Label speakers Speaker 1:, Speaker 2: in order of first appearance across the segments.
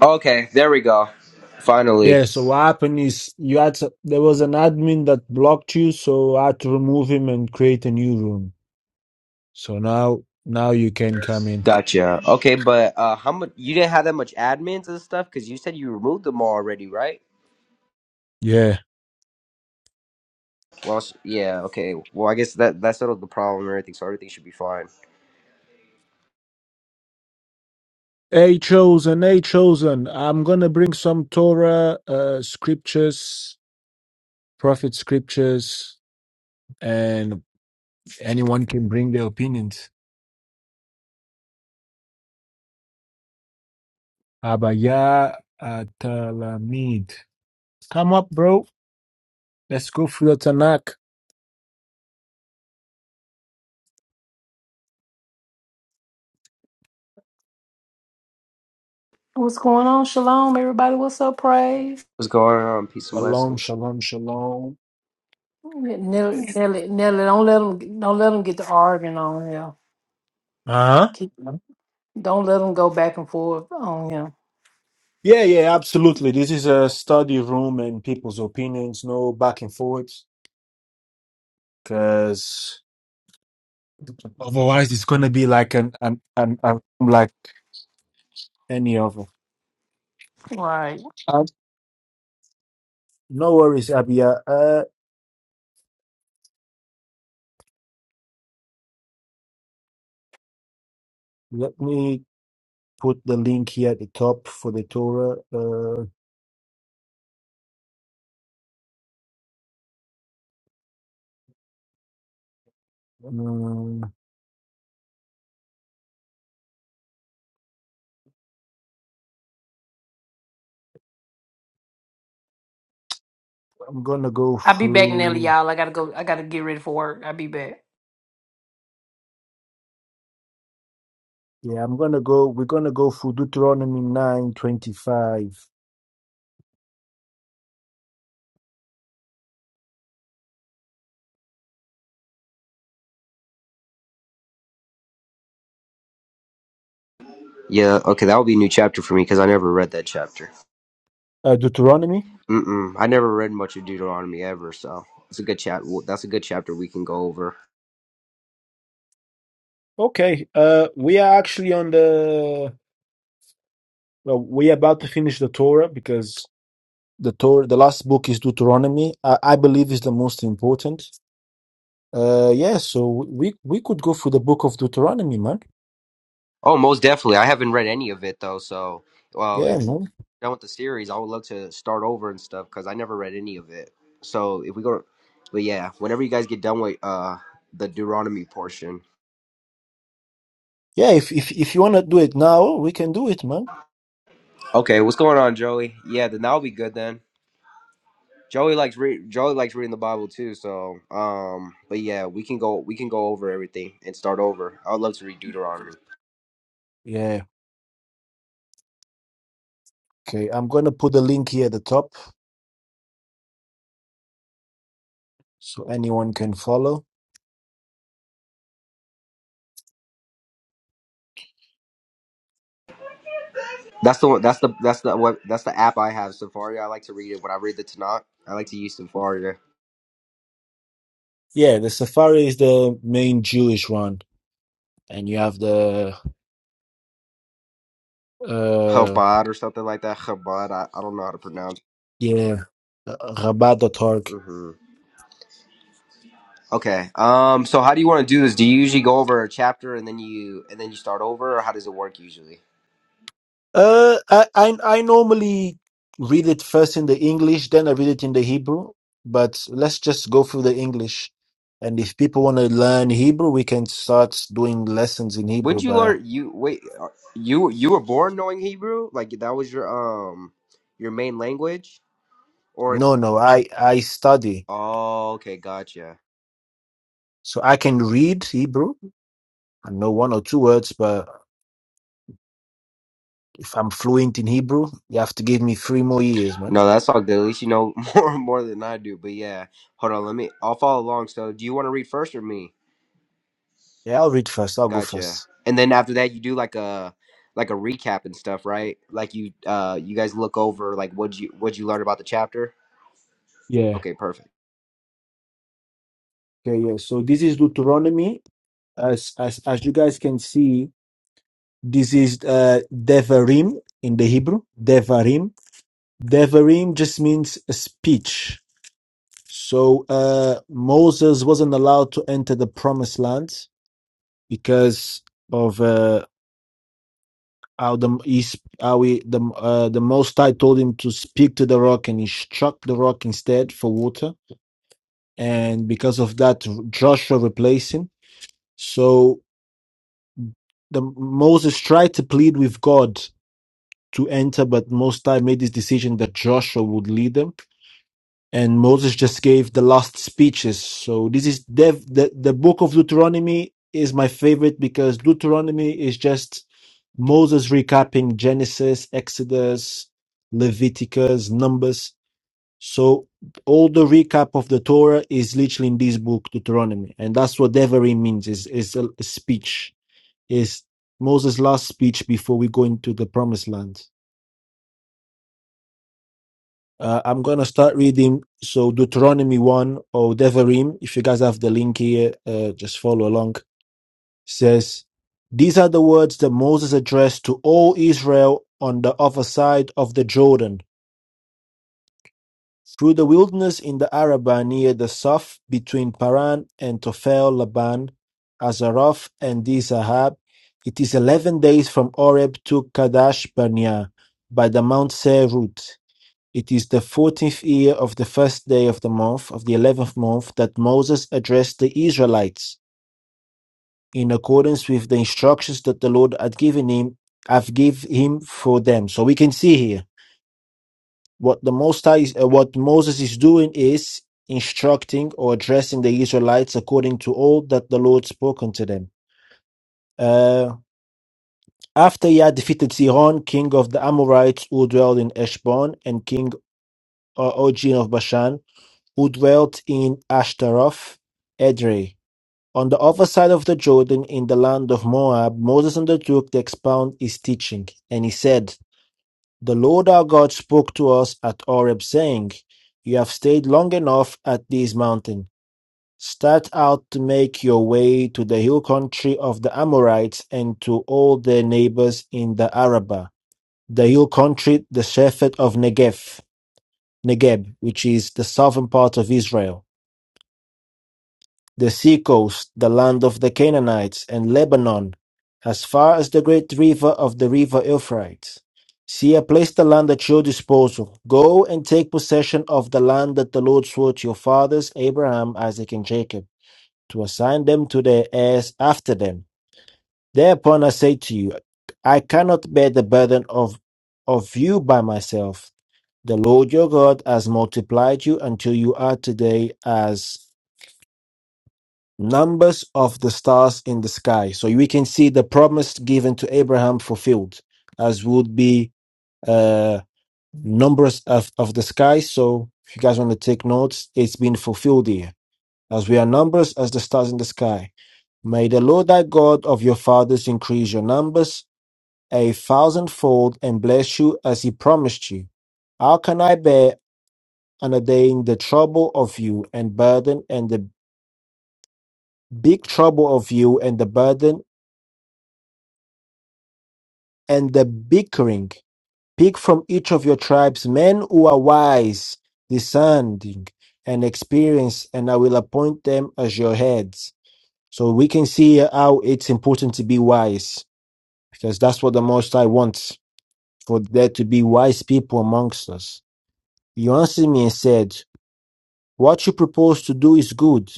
Speaker 1: Okay, there we go. Finally,
Speaker 2: Yeah, so what happened is you had to, there was an admin that blocked you, so I had to remove him and create a new room. So now now you can come in.
Speaker 1: gotcha. Okay, but uh, how much? You didn't have that much admins and stuff because you said you removed them all already, right?
Speaker 2: Yeah.
Speaker 1: Well, s- yeah. Okay. Well, I guess that that settled the problem and everything, so everything should be fine.
Speaker 2: Hey chosen, hey chosen. I'm gonna bring some Torah uh scriptures, prophet scriptures, and anyone can bring their opinions. Abaya Atalamid. Come up, bro. Let's go through the Tanakh.
Speaker 3: What's going on? Shalom, everybody. What's up? Praise.
Speaker 1: What's going on? Peace and
Speaker 2: Shalom,
Speaker 1: blessings.
Speaker 2: shalom, shalom.
Speaker 3: Nelly, Nelly, Nelly, don't let them, don't let them get to arguing on him.
Speaker 2: Uh-huh.
Speaker 3: Keep, don't let them go back and forth on him.
Speaker 2: Yeah, yeah, absolutely. This is a study room and people's opinions, no back and forwards, because otherwise it's gonna be like an an an, an like any other.
Speaker 3: Right.
Speaker 2: Uh, no worries, Abia. Uh, uh, let me put the link here at the top for the Torah. Uh, um, I'm gonna go
Speaker 3: I'll be back, Nelly,
Speaker 2: through.
Speaker 3: y'all. I gotta go. I gotta get ready for work. I'll be back.
Speaker 2: Yeah, I'm gonna go. We're gonna go through Deuteronomy nine twenty five.
Speaker 1: Yeah. Okay, that will be a new chapter for me because I never read that chapter.
Speaker 2: Uh, Deuteronomy.
Speaker 1: Mm mm. I never read much of Deuteronomy ever, so it's a good chat. That's a good chapter we can go over.
Speaker 2: Okay. Uh, we are actually on the Well, we're about to finish the Torah because the Torah, the last book is Deuteronomy. I, I believe is the most important. Uh, yeah. So we we could go through the book of Deuteronomy, man.
Speaker 1: Oh, most definitely. I haven't read any of it though, so well,
Speaker 2: Yeah, man.
Speaker 1: done with the series, I would love to start over and stuff because I never read any of it. So if we go, but yeah, whenever you guys get done with uh the Deuteronomy portion.
Speaker 2: Yeah. If if if you wanna do it now, we can do it, man.
Speaker 1: Okay, what's going on, Joey? Yeah, then that'll be good then. Joey likes re- Joey likes reading the Bible too. So um, but yeah, we can go we can go over everything and start over. I would love to read Deuteronomy.
Speaker 2: Yeah. Okay. I'm gonna put the link here at the top so anyone can follow.
Speaker 1: That's the one. That's the that's the what that's the app I have Safari. I like to read it when I read the Tanakh. I like to use Safari.
Speaker 2: Yeah. The Safari is the main Jewish one, and you have the uh
Speaker 1: Chabad or something like that. Chabad. I, I don't know how to pronounce.
Speaker 2: yeah, uh,
Speaker 1: it.
Speaker 2: Rabbah.org.
Speaker 1: Mm-hmm. Okay. Um. So how do you want to do this? Do you usually go over a chapter and then you and then you start over, or how does it work usually?
Speaker 2: Uh, I, I I normally read it first in the English, then I read it in the Hebrew. But let's just go through the English, and if people want to learn Hebrew, we can start doing lessons in
Speaker 1: When
Speaker 2: Hebrew.
Speaker 1: did you
Speaker 2: But
Speaker 1: learn? You wait. uh, You you were born knowing Hebrew? Like that was your um your main language? Or
Speaker 2: no, no, I I study,
Speaker 1: oh, okay, gotcha.
Speaker 2: so I can read Hebrew. I know one or two words, but if I'm fluent in Hebrew, you have to give me three more years, man.
Speaker 1: No, that's all good. At least you know more more than I do. But yeah, hold on. Let me. I'll follow along. So, do you want to read first or me?
Speaker 2: Yeah, I'll read first. I'll go
Speaker 1: Gotcha.
Speaker 2: first.
Speaker 1: And then after that, you do like a like a recap and stuff, right? Like you uh you guys look over like what you what you learn about the chapter.
Speaker 2: Yeah.
Speaker 1: Okay, perfect.
Speaker 2: Okay. Yeah. So this is Deuteronomy. As as as you guys can see. This is uh, Devarim in the Hebrew. Devarim. Devarim just means a speech. So uh, Moses wasn't allowed to enter the promised land because of uh, how the he, sp- how he, the uh, the Most High told him to speak to the rock, and he struck the rock instead for water. And because of that, Joshua replaced him. So the Moses tried to plead with God to enter, but Most High made this decision that Joshua would lead them. And Moses just gave the last speeches. So this is dev, the, the book of Deuteronomy is my favorite because Deuteronomy is just Moses recapping Genesis, Exodus, Leviticus, Numbers. So all the recap of the Torah is literally in this book, Deuteronomy. And that's what Devarim means is, is a speech, is Moses' last speech before we go into the promised land. Uh, I'm going to start reading. So, Deuteronomy 1 or Devarim, if you guys have the link here, uh, just follow along, says, These are the words that Moses addressed to all Israel on the other side of the Jordan, through the wilderness in the Arabah near the Saf between Paran and Tophel Laban, Azaroth and Dizahab. It is 11 days from Oreb to Kadesh Barnea by the Mount Seirut. It is the fourteenth year of the first day of the month of the eleventh month that Moses addressed the Israelites in accordance with the instructions that the Lord had given him, have give him for them. So we can see here what the Most High, is- uh, what Moses is doing is instructing or addressing the Israelites according to all that the Lord spoken to them. Uh, after he had defeated Sihon, king of the Amorites who dwelled in Eshbon, and king uh, Og of Bashan, who dwelt in Ashtaroth Edrei. On the other side of the Jordan, in the land of Moab, Moses undertook to expound his teaching, and he said, The Lord our God spoke to us at Oreb, saying, 'You have stayed long enough at this mountain. Start out to make your way to the hill country of the Amorites and to all their neighbors in the Arabah, the hill country, the shepherd of Negev, Negeb, which is the southern part of Israel. the seacoast, the land of the Canaanites, and Lebanon, as far as the great river of the river Euphrates. See, I place the land at your disposal. Go and take possession of the land that the Lord swore to your fathers, Abraham, Isaac, and Jacob, to assign them to their heirs after them. Thereupon I say to you, I cannot bear the burden of, of you by myself. The Lord your God has multiplied you until you are today as numbers of the stars in the sky. So we can see the promise given to Abraham fulfilled, as would be uh, numbers of, of the sky. So if you guys want to take notes, it's been fulfilled here, as we are numbers as the stars in the sky. May the Lord thy God of your fathers increase your numbers a thousandfold and bless you as he promised you. How can I bear underdating the trouble of you and burden and the big trouble of you and the burden and the bickering. Pick from each of your tribes men who are wise, discerning, and experienced, and I will appoint them as your heads. So we can see how it's important to be wise, because that's what the Most High wants, for there to be wise people amongst us. You answered me and said, what you propose to do is good.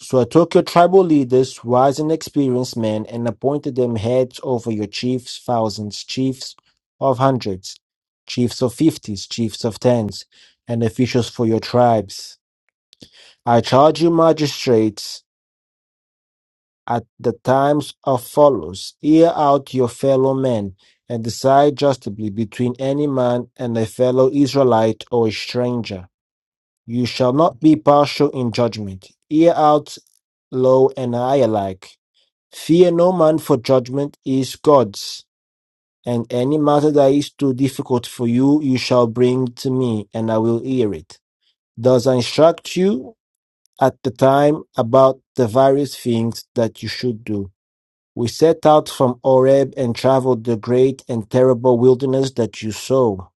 Speaker 2: So I took your tribal leaders, wise and experienced men, and appointed them heads over your chiefs, thousands, chiefs of hundreds, chiefs of fifties, chiefs of tens, and officials for your tribes. I charge you, magistrates, at the times of follows, hear out your fellow men, and decide justly between any man and a fellow Israelite or a stranger you shall not be partial in judgment. Hear out, low and high alike. Fear no man, for judgment is God's. And any matter that is too difficult for you, you shall bring to me, and I will hear it. Thus I instruct you at the time about the various things that you should do. We set out from Oreb and traveled the great and terrible wilderness that you saw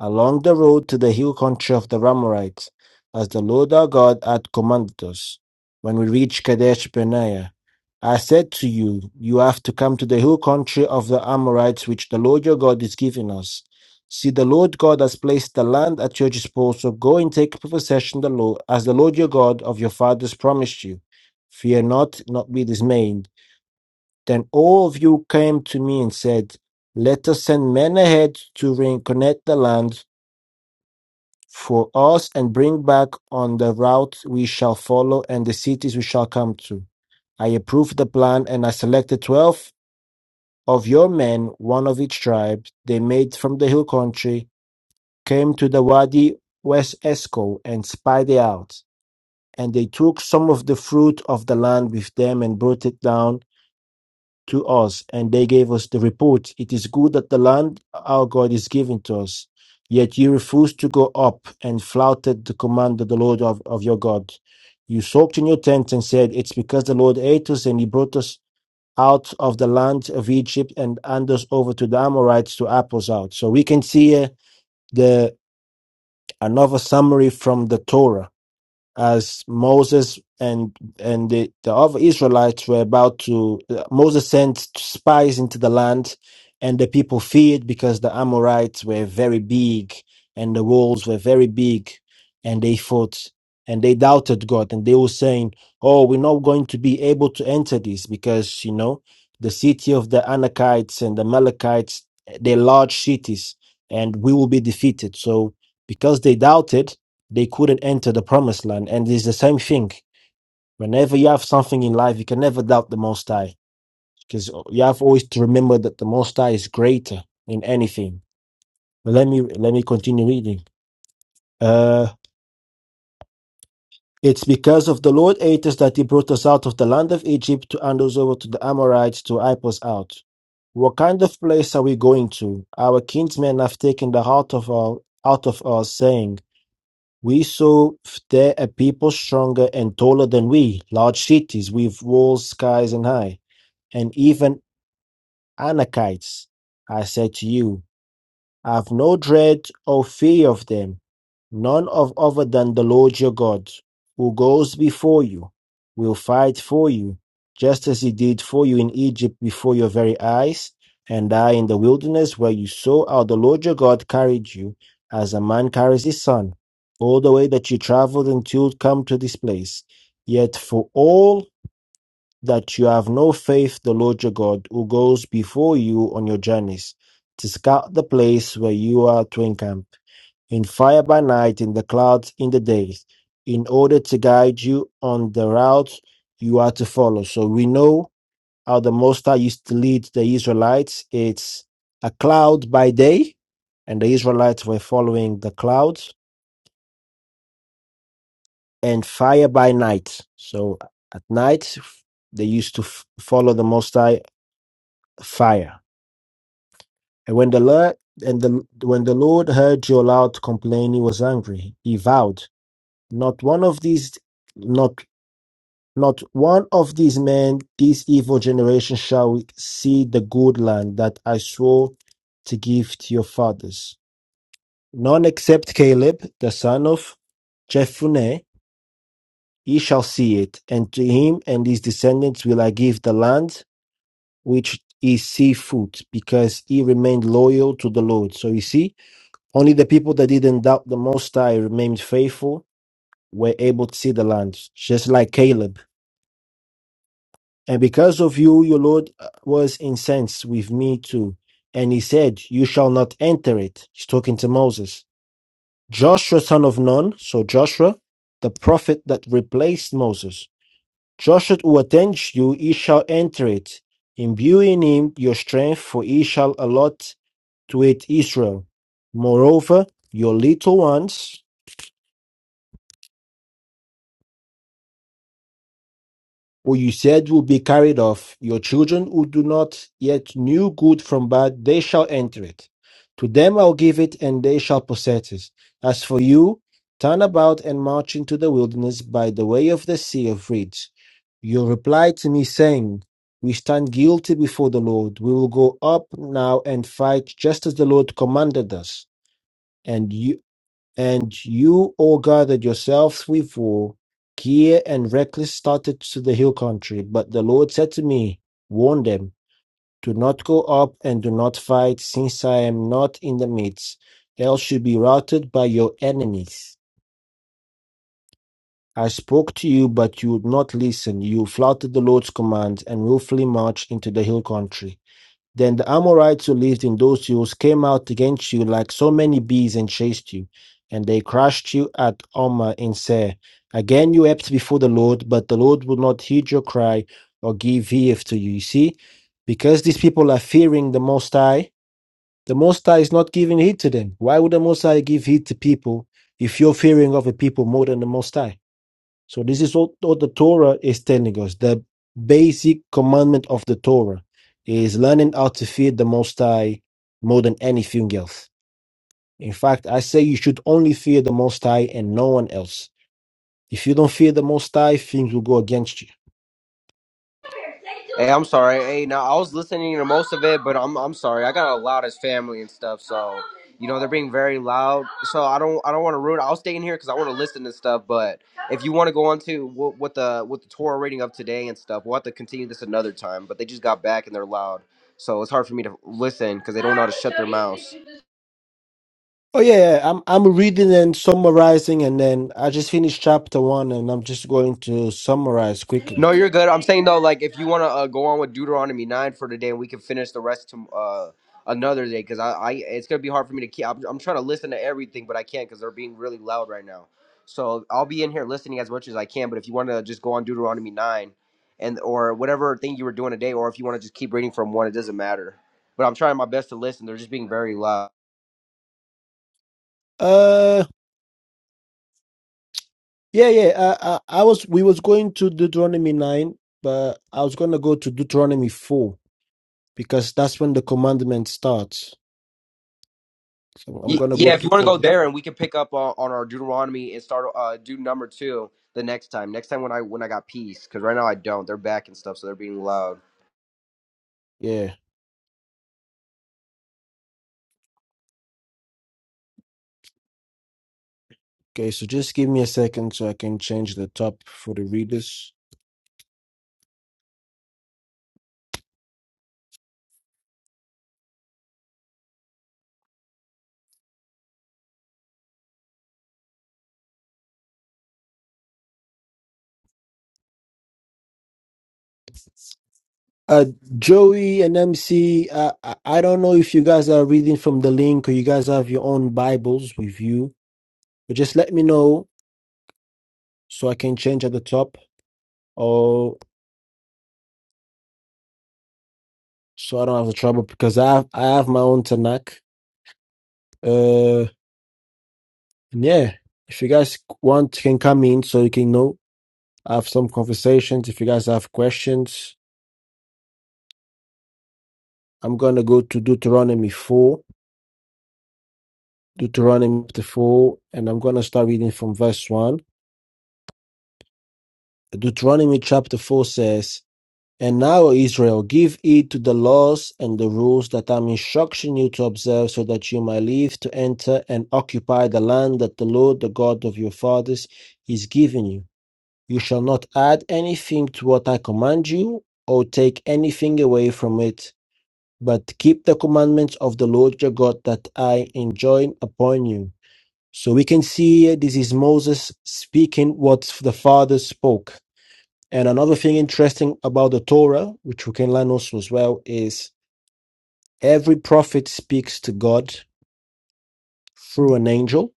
Speaker 2: along the road to the hill country of the Amorites, as the Lord our God had commanded us. When we reached Kadesh Barnea, I said to you, You have to come to the hill country of the Amorites, which the Lord your God is giving us. See, the Lord God has placed the land at your disposal. Go and take possession the Lord, as the Lord your God of your fathers promised you. Fear not, not be dismayed. Then all of you came to me and said, Let us send men ahead to reconnect the land for us and bring back on the route we shall follow and the cities we shall come to. I approved the plan and I selected 12 of your men, one of each tribe. They made from the hill country, came to the Wadi West Esco and spied it out. And they took some of the fruit of the land with them and brought it down to us, and they gave us the report, It is good that the land our God is giving to us. Yet you refused to go up and flouted the command of the Lord of, of your God. You sulked in your tent and said, It's because the Lord ate us and he brought us out of the land of Egypt and hand us over to the Amorites to apples out. So we can see here the another summary from the Torah as Moses and and the, the other Israelites were about to Moses sent spies into the land and the people feared because the Amorites were very big and the walls were very big and they fought and they doubted God and they were saying, Oh, we're not going to be able to enter this because you know the city of the Anakites and the Amalekites, they're large cities and we will be defeated. So because they doubted they couldn't enter the promised land. And it's the same thing. Whenever you have something in life, you can never doubt the Most High because you have always to remember that the Most High is greater in anything. But let me let me continue reading. Uh, it's because of the Lord Atos that He brought us out of the land of Egypt to hand us over to the Amorites to wipe us out. What kind of place are we going to? Our kinsmen have taken the heart of our out of us, saying. We saw there a people stronger and taller than we, large cities with walls skies and high, and even Anakites. I said to you, have no dread or fear of them, none of other than the Lord your God, who goes before you, will fight for you, just as he did for you in Egypt before your very eyes, and I in the wilderness where you saw how the Lord your God carried you, as a man carries his son, all the way that you traveled until you come to this place. Yet for all that you have no faith the Lord your God, who goes before you on your journeys, to scout the place where you are to encamp, in fire by night, in the clouds, in the days, in order to guide you on the route you are to follow. So we know how the Most High used to lead the Israelites. It's a cloud by day, and the Israelites were following the clouds, and fire by night. So at night, they used to f- follow the Most High fire And when the Lord and the when the Lord heard your loud complaint, he was angry. He vowed, "Not one of these, not not one of these men, this evil generation, shall see the good land that I swore to give to your fathers. None except Caleb, the son of Jephunneh, he shall see it, and to him and his descendants will I give the land which is seafood, because he remained loyal to the Lord." So you see. Only the people that didn't doubt the Most High remained faithful were able to see the land, just like Caleb. And because of you, your Lord uh, was incensed with me too. And he said, You shall not enter it. He's talking to Moses. Joshua, son of Nun, so Joshua, the prophet that replaced Moses. Joshua who attends you, he shall enter it, imbuing him your strength, for he shall allot to it Israel. Moreover, your little ones, who you said will be carried off, your children who do not yet knew good from bad, they shall enter it. To them I'll give it, and they shall possess it. As for you, turn about and march into the wilderness by the way of the sea of reeds. You replied to me, saying, We stand guilty before the Lord. We will go up now and fight just as the Lord commanded us. And you and you all gathered yourselves with four, gear, and reckless started to the hill country. But the Lord said to me, Warn them, do not go up and do not fight, since I am not in the midst, else you be routed by your enemies. I spoke to you, but you would not listen. You flouted the Lord's command and willfully marched into the hill country. Then the Amorites who lived in those hills came out against you like so many bees and chased you, and they crushed you at Omar in Seir. Again you wept before the Lord, but the Lord would not heed your cry or give heed to you. You see, because these people are fearing the Most High, the Most High is not giving heed to them. Why would the Most High give heed to people if you're fearing of a people more than the Most High? So this is what, what the Torah is telling us. The basic commandment of the Torah is learning how to fear the Most High more than anything else. In fact, I say you should only fear the Most High and no one else. If you don't fear the Most High, things will go against you.
Speaker 1: Hey, I'm sorry. Hey, now I was listening to most of it, but I'm I'm sorry. I got a loud as family and stuff, so you know they're being very loud. So I don't I don't want to ruin. I'll stay in here because I want to listen to stuff. But if you want to go on to what, what the what the Torah reading of today and stuff, we'll have to continue this another time. But they just got back and they're loud, so it's hard for me to listen because they don't know how to shut their mouths.
Speaker 2: Oh yeah, yeah, I'm I'm reading and summarizing, and then I just finished chapter one, and I'm just going to summarize quickly.
Speaker 1: No, you're good. I'm saying though, like if you want to uh, go on with Deuteronomy nine for today, and we can finish the rest to uh, another day, because I, I, it's gonna be hard for me to keep. I'm, I'm trying to listen to everything, but I can't because they're being really loud right now. So I'll be in here listening as much as I can. But if you want to just go on Deuteronomy nine, and or whatever thing you were doing today, or if you want to just keep reading from one, it doesn't matter. But I'm trying my best to listen. They're just being very loud.
Speaker 2: Uh, yeah, yeah. I I, I was we was going to Deuteronomy nine, but I was gonna go to Deuteronomy 4 because that's when the commandment starts. So I'm
Speaker 1: Y-
Speaker 2: gonna go
Speaker 1: Yeah, if you want to go
Speaker 2: to
Speaker 1: there, and we can pick up on, on our Deuteronomy and start uh, do number two the next time. Next time when I when I got peace, because right now I don't. They're back and stuff, so they're being loud.
Speaker 2: yeah. Okay, so just give me a second so I can change the top for the readers. Uh, Joey and MC, uh, I I don't know if you guys are reading from the link or you guys have your own Bibles with you, but just let me know so I can change at the top or so I don't have the trouble because I have, I have my own Tanakh. Uh, and yeah, if you guys want, can come in so you can know, have some conversations. If you guys have questions, I'm going to go to Deuteronomy 4, Deuteronomy chapter 4, and I'm going to start reading from verse 1. Deuteronomy chapter 4 says, And now, O Israel, give heed to the laws and the rules that I'm instructing you to observe, so that you may live to enter and occupy the land that the Lord, the God of your fathers, is giving you. You shall not add anything to what I command you, or take anything away from it, but keep the commandments of the Lord your God that I enjoin upon you. So we can see this is Moses speaking what the Father spoke. And another thing interesting about the Torah, which we can learn also as well, is every prophet speaks to God through an angel,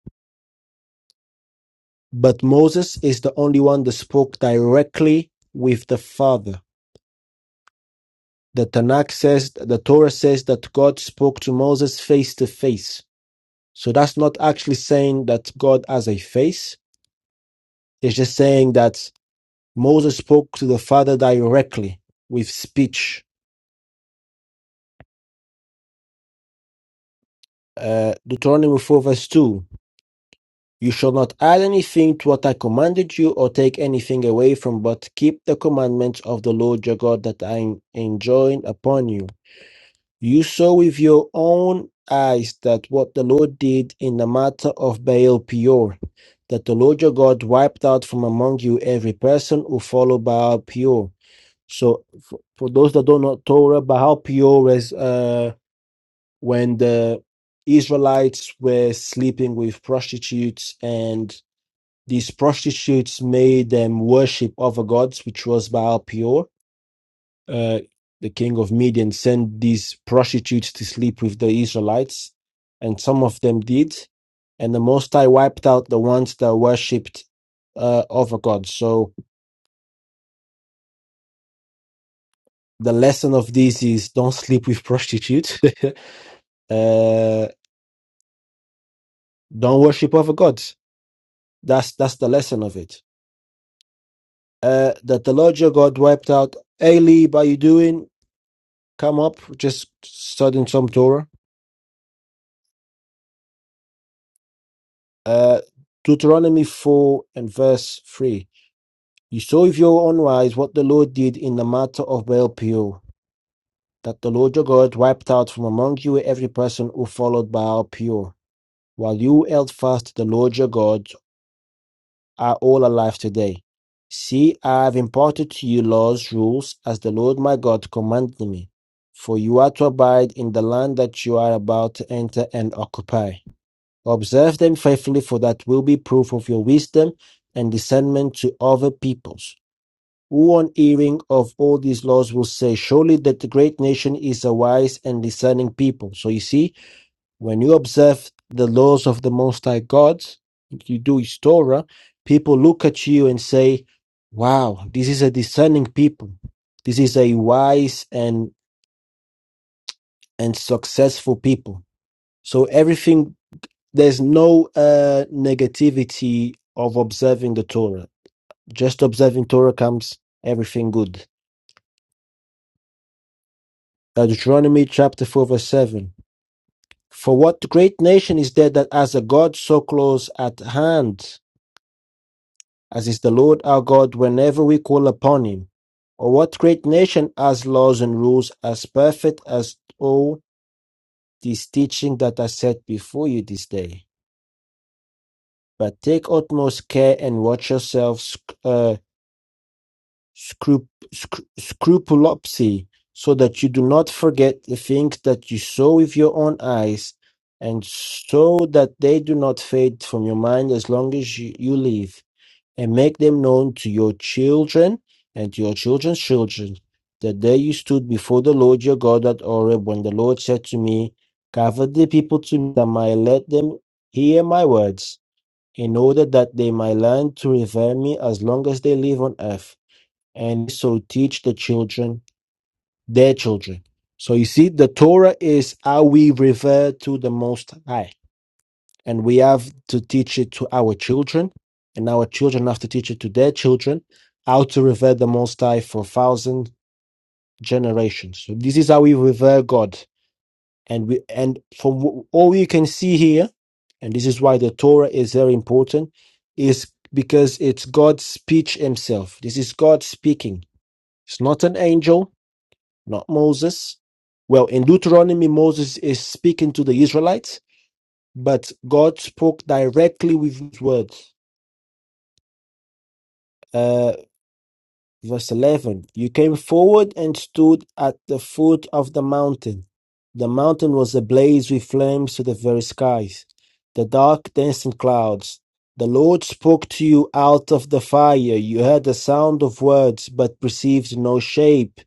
Speaker 2: but Moses is the only one that spoke directly with the Father. The Tanakh says, the Torah says that God spoke to Moses face to face. So that's not actually saying that God has a face. It's just saying that Moses spoke to the Father directly with speech. Uh, Deuteronomy 4, verse 2 You shall not add anything to what I commanded you or take anything away from, but keep the commandments of the Lord your God that I am enjoin upon you. You saw with your own eyes that what the Lord did in the matter of Baal Peor, that the Lord your God wiped out from among you every person who followed Baal Peor. So, for, for those that don't know Torah, Baal Peor is. uh, when the Israelites were sleeping with prostitutes and these prostitutes made them worship other gods, which was Baal Peor. Uh, the king of Midian sent these prostitutes to sleep with the Israelites, and some of them did. And the Most High wiped out the ones that worshipped uh, other gods. So the lesson of this is don't sleep with prostitutes, uh, don't worship other gods. That's that's the lesson of it. uh, that the larger God wiped out. Hey, Aleb, are you doing? Come up, just studying some Torah. Uh, Deuteronomy 4 and verse 3. You saw with your own eyes what the Lord did in the matter of Baal Peor, that the Lord your God wiped out from among you every person who followed Baal Peor, while you held fast to the Lord your God are all alive today. See, I have imparted to you laws, rules, as the Lord my God commanded me. For you are to abide in the land that you are about to enter and occupy. Observe them faithfully, for that will be proof of your wisdom and discernment to other peoples. Who on hearing of all these laws will say, Surely that the great nation is a wise and discerning people. So you see, when you observe the laws of the Most High God, you do His Torah, people look at you and say, Wow, this is a discerning people. This is a wise and, and successful people. So everything, there's no uh, negativity of observing the Torah. Just observing Torah comes everything good. Uh, Deuteronomy chapter 4, verse 7. For what great nation is there that has a God so close at hand? As is the Lord our God whenever we call upon him. Or what great nation has laws and rules as perfect as all these teaching that I set before you this day? But take utmost care and watch yourselves uh, scrup- scru- scrupulopsy, so that you do not forget the things that you saw with your own eyes, and so that they do not fade from your mind as long as you, you live. and make them known to your children and to your children's children, that day you stood before the Lord your God at Horeb, when the Lord said to me, Gather the people to me that I might let them hear my words, in order that they might learn to revere me as long as they live on earth, and so teach the children their children. So you see, the Torah is how we revere to the Most High and we have to teach it to our children, and our children have to teach it to their children how to revere the Most High for thousand generations. So this is how we revere God, and we and from wh- all you can see here, and this is why the Torah is very important, is because it's God's speech Himself. This is God speaking. It's not an angel, not Moses. Well, in Deuteronomy, Moses is speaking to the Israelites, but God spoke directly with His words Uh, verse 11 You came forward and stood at the foot of the mountain. The mountain was ablaze with flames to the very skies, the dark, dancing clouds. The Lord spoke to you out of the fire. You heard the sound of words, but perceived no shape,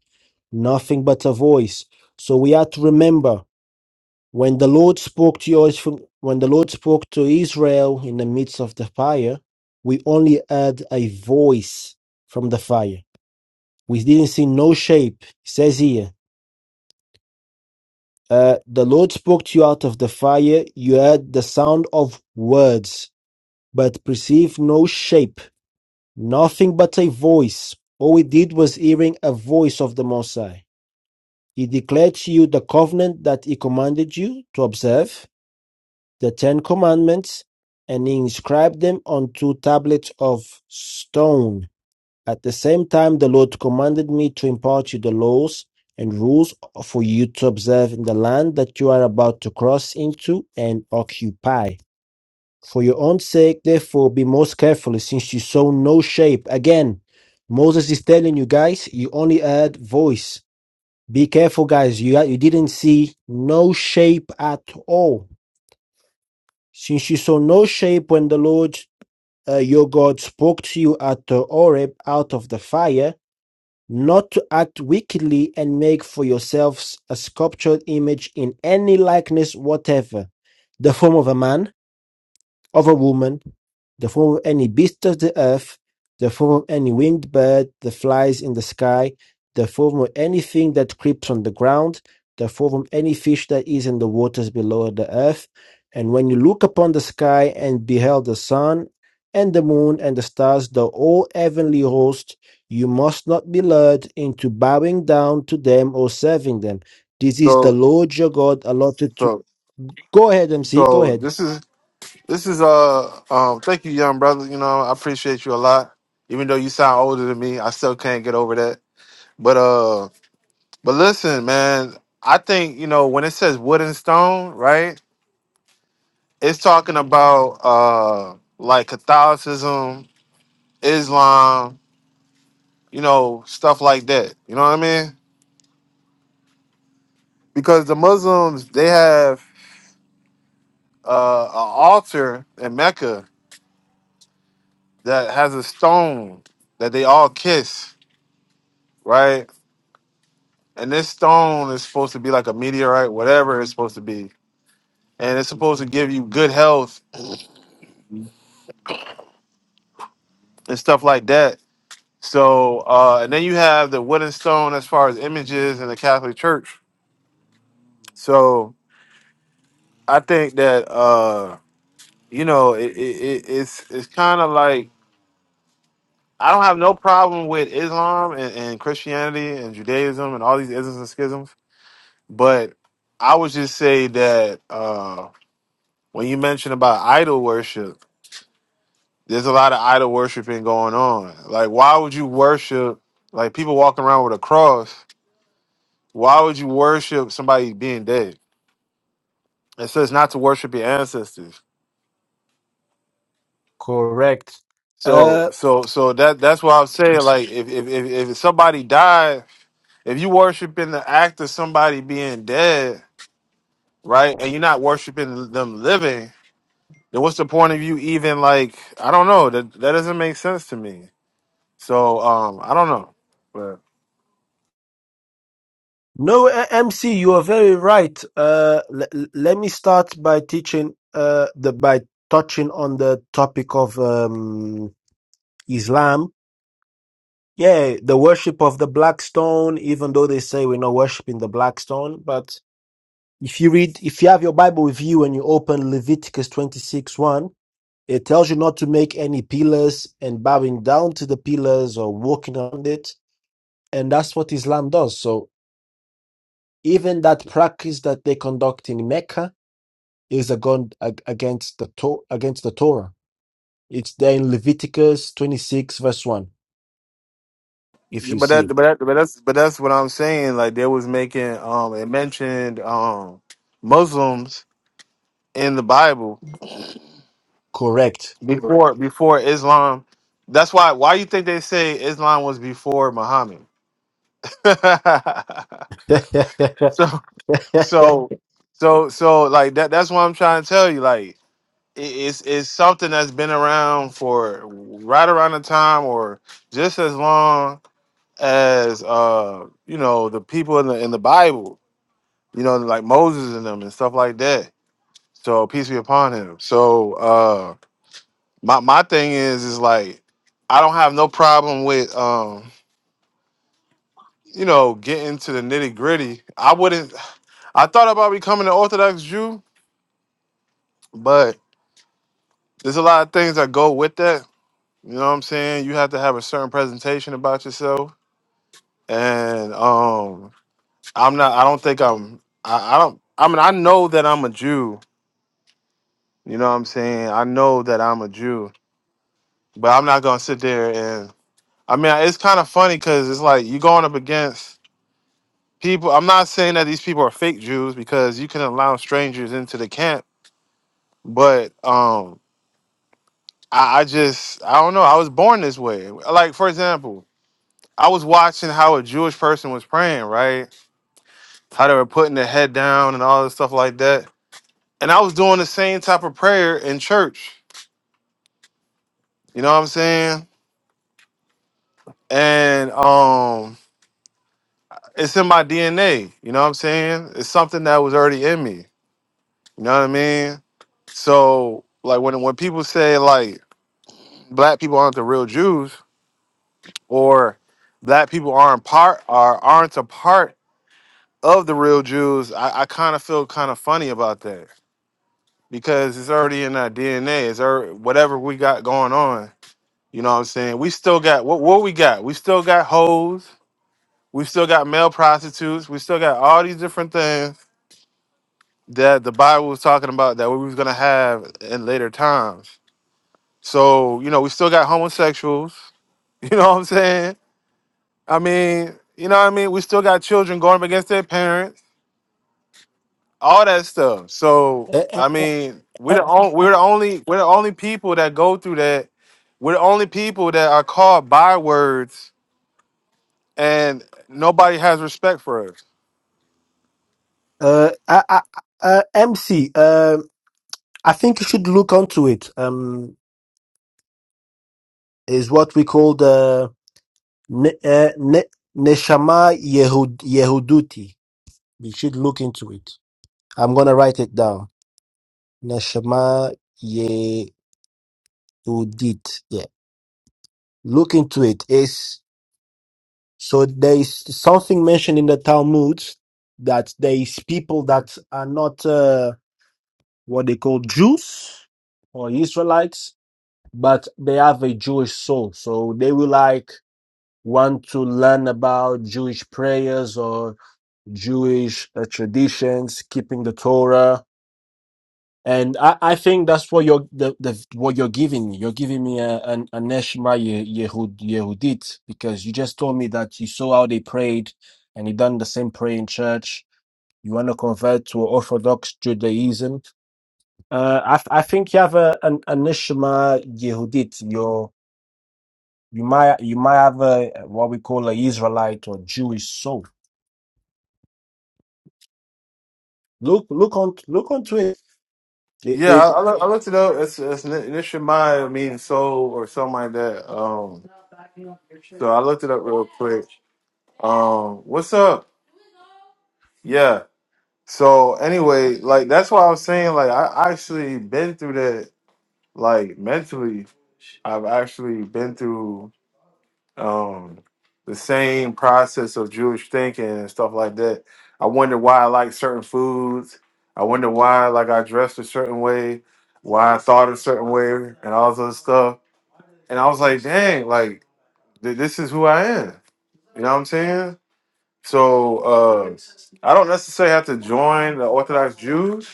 Speaker 2: nothing but a voice. So we are to remember when the Lord spoke to you, when the Lord spoke to Israel in the midst of the fire, we only heard a voice from the fire we didn't see no shape. It says here, uh, the Lord spoke to you out of the fire. You heard the sound of words, but perceived no shape, nothing but a voice. All we did was hearing a voice of the Most High. He declared to you the covenant that He commanded you to observe, the Ten Commandments, and He inscribed them on two tablets of stone. At the same time the Lord commanded me to impart you the laws and rules for you to observe in the land that you are about to cross into and occupy. For your own sake, therefore, be most careful, since you saw no shape. Again, Moses is telling you guys, you only heard voice. Be careful, guys. You, you didn't see no shape at all. Since you saw no shape when the Lord uh, your God spoke to you at the Oreb out of the fire, not to act wickedly and make for yourselves a sculptured image in any likeness whatever, the form of a man, of a woman, the form of any beast of the earth, the form of any winged bird that flies in the sky, the form of anything that creeps on the ground, the form of any fish that is in the waters below the earth. And when you look upon the sky and beheld the sun and the moon and the stars, the whole heavenly host, you must not be lured into bowing down to them or serving them. This is the
Speaker 4: So
Speaker 2: Lord your God allotted to.
Speaker 4: so
Speaker 2: Go ahead, MC. Go
Speaker 4: so
Speaker 2: ahead.
Speaker 4: this is this is uh um thank you young brother you know I appreciate you a lot even though you sound older than me I still can't get over that but uh but listen man I think you know when it says wood and stone right it's talking about uh like Catholicism Islam you know stuff like that you know what I mean because the Muslims they have uh, an altar in Mecca that has a stone that they all kiss right? And this stone is supposed to be like a meteorite, whatever it's supposed to be, and it's supposed to give you good health and stuff like that. So, uh, and then you have the wooden stone as far as images in the Catholic Church. So, I think that uh, you know it, it, it, it's it's kind of like I don't have no problem with Islam and, and Christianity and Judaism and all these isms and schisms, but I would just say that uh, when you mention about idol worship. there's a lot of idol worshiping going on. Like, why would you worship like people walking around with a cross? Why would you worship somebody being dead? It says not to worship your ancestors.
Speaker 2: Correct.
Speaker 4: So,
Speaker 2: Uh,
Speaker 4: so, so that that's why I'm saying like, if if if, if somebody died, if you worshiping the act of somebody being dead, right, and you're not worshiping them living, then what's the point of you even like? I don't know. That that doesn't make sense to me. So, um, I don't know.
Speaker 2: no, uh, MC, you are very right. Uh, l- l- let me start by teaching uh, the by touching on the topic of um, Islam. Yeah, the worship of the black stone. Even though they say we're not worshiping the black stone, but if you read, if you have your Bible with you and you open Leviticus twenty six one, it tells you not to make any pillars and bowing down to the pillars or walking on it, and that's what Islam does. So Even that practice that they conduct in Mecca is agon- ag- against the to- against the Torah. It's there in Leviticus 26 verse 1 if
Speaker 4: Yeah,
Speaker 2: you
Speaker 4: But
Speaker 2: see
Speaker 4: that,
Speaker 2: it.
Speaker 4: but that, but that's, but that's what I'm saying. Like they was making, um, it mentioned, um, Muslims in the Bible
Speaker 2: Correct.
Speaker 4: before, before Islam. That's why. Why you think they say Islam was before Muhammad? so, so, so, so, like that. That's what I'm trying to tell you. Like it, it's it's something that's been around for right around the time or just as long as uh you know the people in the in the Bible you know, like Moses and them and stuff like that. So peace be upon him. So uh my my thing is is like I don't have no problem with um you know getting to the nitty gritty. I wouldn't I thought about becoming an Orthodox Jew, but there's a lot of things that go with that. You know what I'm saying? You have to have a certain presentation about yourself. And um I'm not I don't think I'm I, I don't I mean I know that I'm a Jew. You know what I'm saying? I know that I'm a Jew but I'm not gonna sit there and I mean it's kind of funny because it's like you're going up against people. I'm not saying that these people are fake Jews because you can allow strangers into the camp, but um, I, I just I don't know. I was born this way. Like for example, I was watching how a Jewish person was praying, right? How they were putting their head down and all this stuff like that, and I was doing the same type of prayer in church. You know what I'm saying? And um it's in my DNA. You know what I'm saying? It's something that was already in me. You know what I mean? So like when when people say like black people aren't the real Jews or black people aren't part are aren't a part of the real Jews, I, I kind of feel kind of funny about that because it's already in our DNA. It's already, whatever we got going on. You know what I'm saying? We still got what what we got. We still got hoes. We still got male prostitutes. We still got all these different things that the Bible was talking about that we was gonna have in later times. So you know, we still got homosexuals. You know what I'm saying? I mean, you know what I mean. We still got children going up against their parents, all that stuff. So
Speaker 2: A-
Speaker 4: I mean, we're the only we're the only we're the only people that go through that. We're the only people that are called bywords, and nobody has respect for us.
Speaker 2: uh, uh, uh, uh, MC, um, I think you should look onto it. Um, is what we call the ne- uh, ne- neshama Yehud- yehuduti. You should look into it. I'm gonna write it down. Neshama Yehudit. Yeah. Look into it. Is so there is something mentioned in the Talmud that there is people that are not uh, what they call Jews or Israelites, but they have a Jewish soul. So they will like want to learn about Jewish prayers or Jewish uh, traditions, keeping the Torah And I, I think that's what you're the, the what you're giving me. You're giving me a an a Neshma Ye- Yehud Yehudit because you just told me that you saw how they prayed and you done the same prayer in church. You want to convert to Orthodox Judaism. Uh, I th- I think you have a an a Neshama Yehudit. You're you might you might have a what we call a Israelite or Jewish soul. Look look on look onto it. It,
Speaker 4: Yeah,
Speaker 2: it
Speaker 4: I, I, look, I looked it up. It's it's Nishimaya means soul or something like that. Um So I looked it up real quick. Um, what's up? Yeah. So anyway, like that's why I was saying like I actually been through that like mentally. I've actually been through um the same process of Jewish thinking and stuff like that. I wonder why I like certain foods. I wonder why like I dressed a certain way, why I thought a certain way, and all this other stuff. And I was like, dang, like th- this is who I am. You know what I'm saying? So uh, I don't necessarily have to join the Orthodox Jews,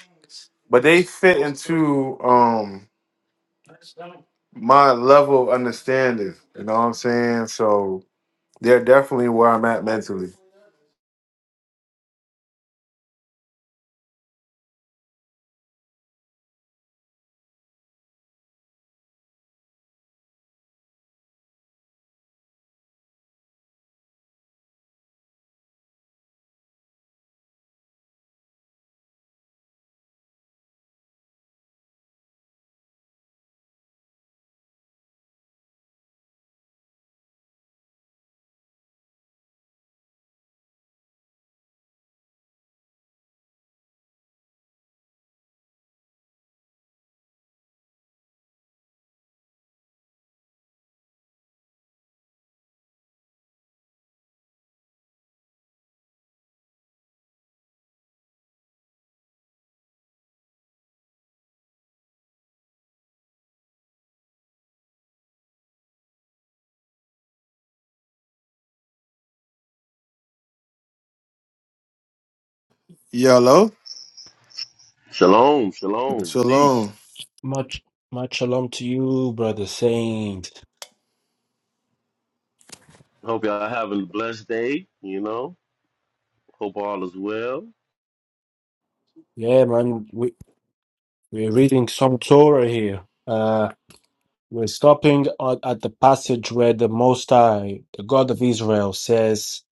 Speaker 4: but they fit into um, my level of understanding. You know what I'm saying? So they're definitely where I'm at mentally. Yellow.
Speaker 5: Shalom, shalom, peace.
Speaker 4: Shalom.
Speaker 2: much much shalom to you, brother saint.
Speaker 5: Hope y'all having a blessed day. You know, hope all is well.
Speaker 2: Yeah, man. We're reading some Torah here. Uh, we're stopping at, at the passage where the Most High, the God of Israel, says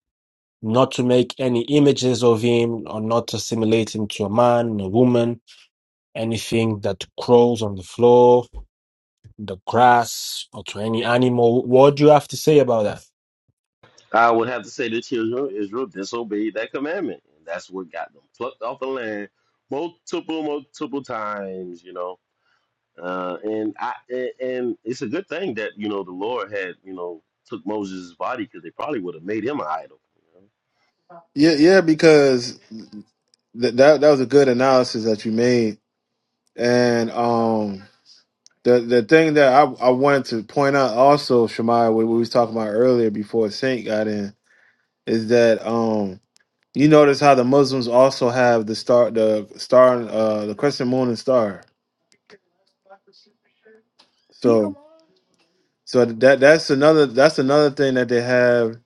Speaker 2: not to make any images of him or not to assimilate him to a man, a woman, anything that crawls on the floor, the grass, or to any animal. What do you have to say about that?
Speaker 5: I would have to say the children of Israel disobeyed that commandment, and that's what got them plucked off the land multiple, multiple times. You know, uh, and I and, and it's a good thing that you know the Lord had you know took Moses' body because they probably would have made him an idol. You know?
Speaker 4: Yeah, yeah, because th- that that was a good analysis that you made, and um, the the thing that I I wanted to point out also, Shemai, what we was talking about earlier before Saint got in, is that um, You notice how the Muslims also have the star, the star, and, uh, the crescent moon and star. So, so that that's another that's another thing that they have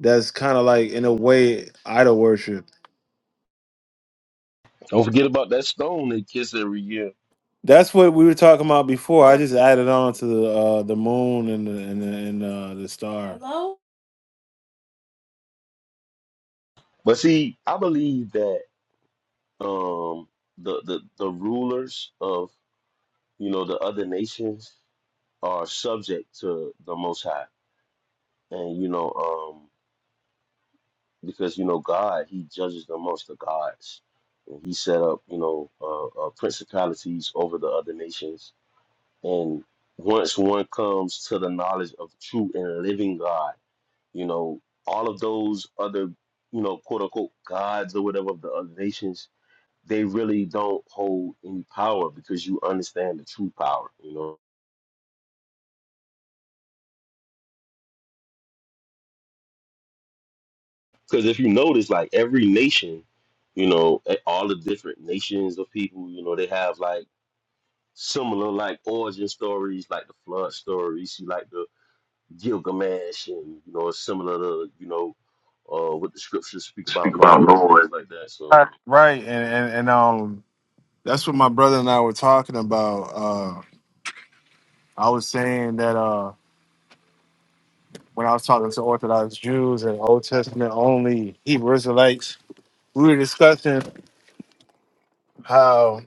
Speaker 4: that's kind of like in a way idol worship.
Speaker 5: Don't forget about that stone they kiss every year.
Speaker 4: That's what we were talking about before. I just added on to the uh, the moon and the and the, and, uh, the star.
Speaker 5: But see, I believe that um, the the the rulers of You know, the other nations are subject to the Most High, and you know, um, because you know God, He judges the most of gods, and He set up you know uh, uh, principalities over the other nations. And once one comes to the knowledge of true and living God, you know, all of those other you know quote unquote gods or whatever of the other nations, they really don't hold any power because you understand the true power. You know. Because if you notice, like every nation, you know, eh, all the different nations of people, you know, they have like similar like origin stories, like the flood stories, you like the Gilgamesh, and you know, similar to you know uh, what the scriptures speak
Speaker 4: Speak
Speaker 5: about
Speaker 4: about
Speaker 5: Noah and things
Speaker 4: Lord,
Speaker 5: like that. So
Speaker 4: Right, right, and, and and um, that's what my brother and I were talking about. Uh, I was saying that. uh. when I was talking to Orthodox Jews and Old Testament only Hebrew Israelites, we were discussing how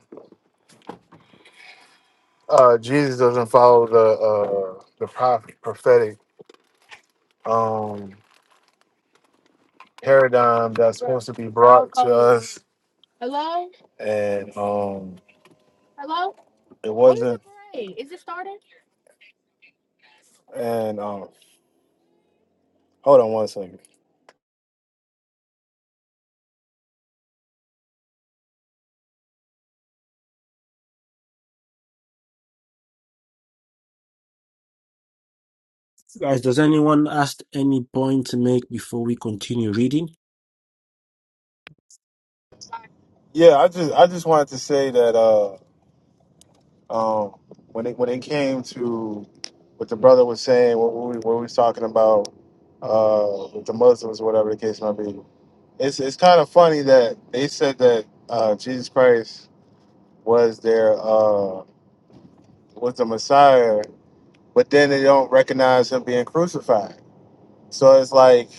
Speaker 4: uh, Jesus doesn't follow the uh, the prophet, prophetic um, paradigm that's supposed to be brought to us, and um, it wasn't. And um, hold on one second.
Speaker 2: Guys, does anyone ask any point to make before we continue reading?
Speaker 4: Yeah, I just I just wanted to say that. Uh, Um, when it when it came to what the brother was saying, what we what we was talking about uh, with the Muslims, whatever the case might be, it's it's kind of funny that they said that uh, Jesus Christ was their uh, was the Messiah, but then they don't recognize him being crucified. So it's like,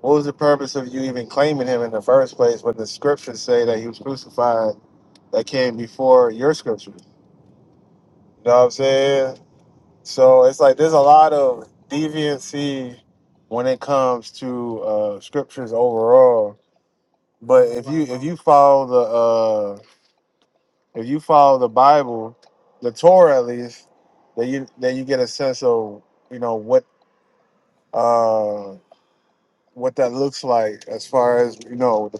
Speaker 4: what was the purpose of you even claiming him in the first place when the scriptures say that he was crucified that came before your scriptures? You know what I'm saying? So it's like there's a lot of deviancy when it comes to uh, scriptures overall. But if you if you follow the uh, if you follow the Bible, the Torah at least, then you then you get a sense of you know what uh, what that looks like as far as you know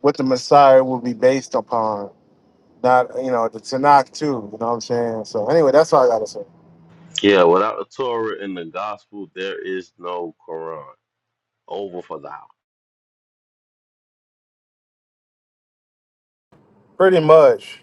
Speaker 4: what the Messiah will be based upon. Not you know the Tanakh too. You know what I'm saying. So anyway, that's all I gotta say.
Speaker 5: yeah, without the Torah and the Gospel, there is no Quran. Over for thou.
Speaker 4: Pretty much.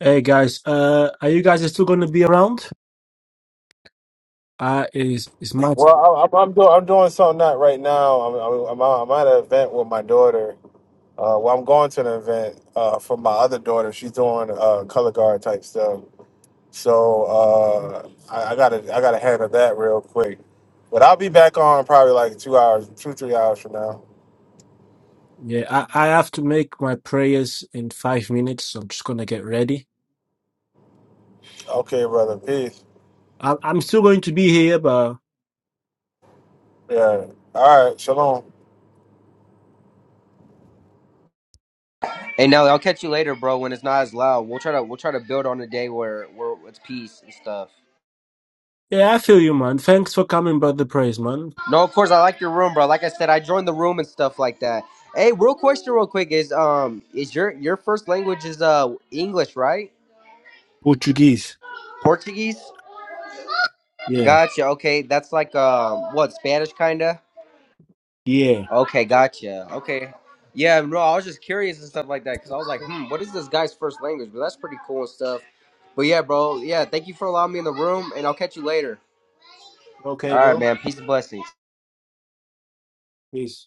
Speaker 2: Hey guys, uh, are you guys still going to be around? Uh, is is my
Speaker 4: Well, I, I'm I'm doing I'm doing something not right now. I'm I'm, I'm, out, I'm at an event with my daughter. Uh, well, I'm going to an event uh, for my other daughter. She's doing uh, color guard type stuff. So uh, I, I gotta I gotta handle that real quick. But I'll be back on probably like two hours, two three hours from now.
Speaker 2: yeah? I, I have to make my prayers in five minutes, so I'm just gonna get ready.
Speaker 4: Okay, brother. Peace.
Speaker 2: I, I'm still going to be here, but
Speaker 4: Yeah. All right. Shalom.
Speaker 1: Hey, Nelly, I'll catch you later, bro. When it's not as loud, we'll try to we'll try to build on a day where where it's peace and stuff.
Speaker 2: yeah, I feel you, man. Thanks for coming, brother. Praise, man.
Speaker 1: No, of course I like your room, bro. Like I said, I joined the room and stuff like that. Hey, real question, real quick is um is your your first language is uh English, right?
Speaker 2: Portuguese.
Speaker 1: Portuguese.
Speaker 2: Yeah,
Speaker 1: Gotcha. Okay, that's like um what Spanish kinda.
Speaker 2: yeah.
Speaker 1: Okay, gotcha. Okay. Yeah, no, I was just curious and stuff like that because I was like, hmm, what is this guy's first language? But that's pretty cool and stuff. But yeah, bro. Yeah, thank you for allowing me in the room, and I'll catch you later.
Speaker 2: Okay,
Speaker 1: All right,
Speaker 2: bro.
Speaker 1: man. Peace and blessings.
Speaker 2: Peace.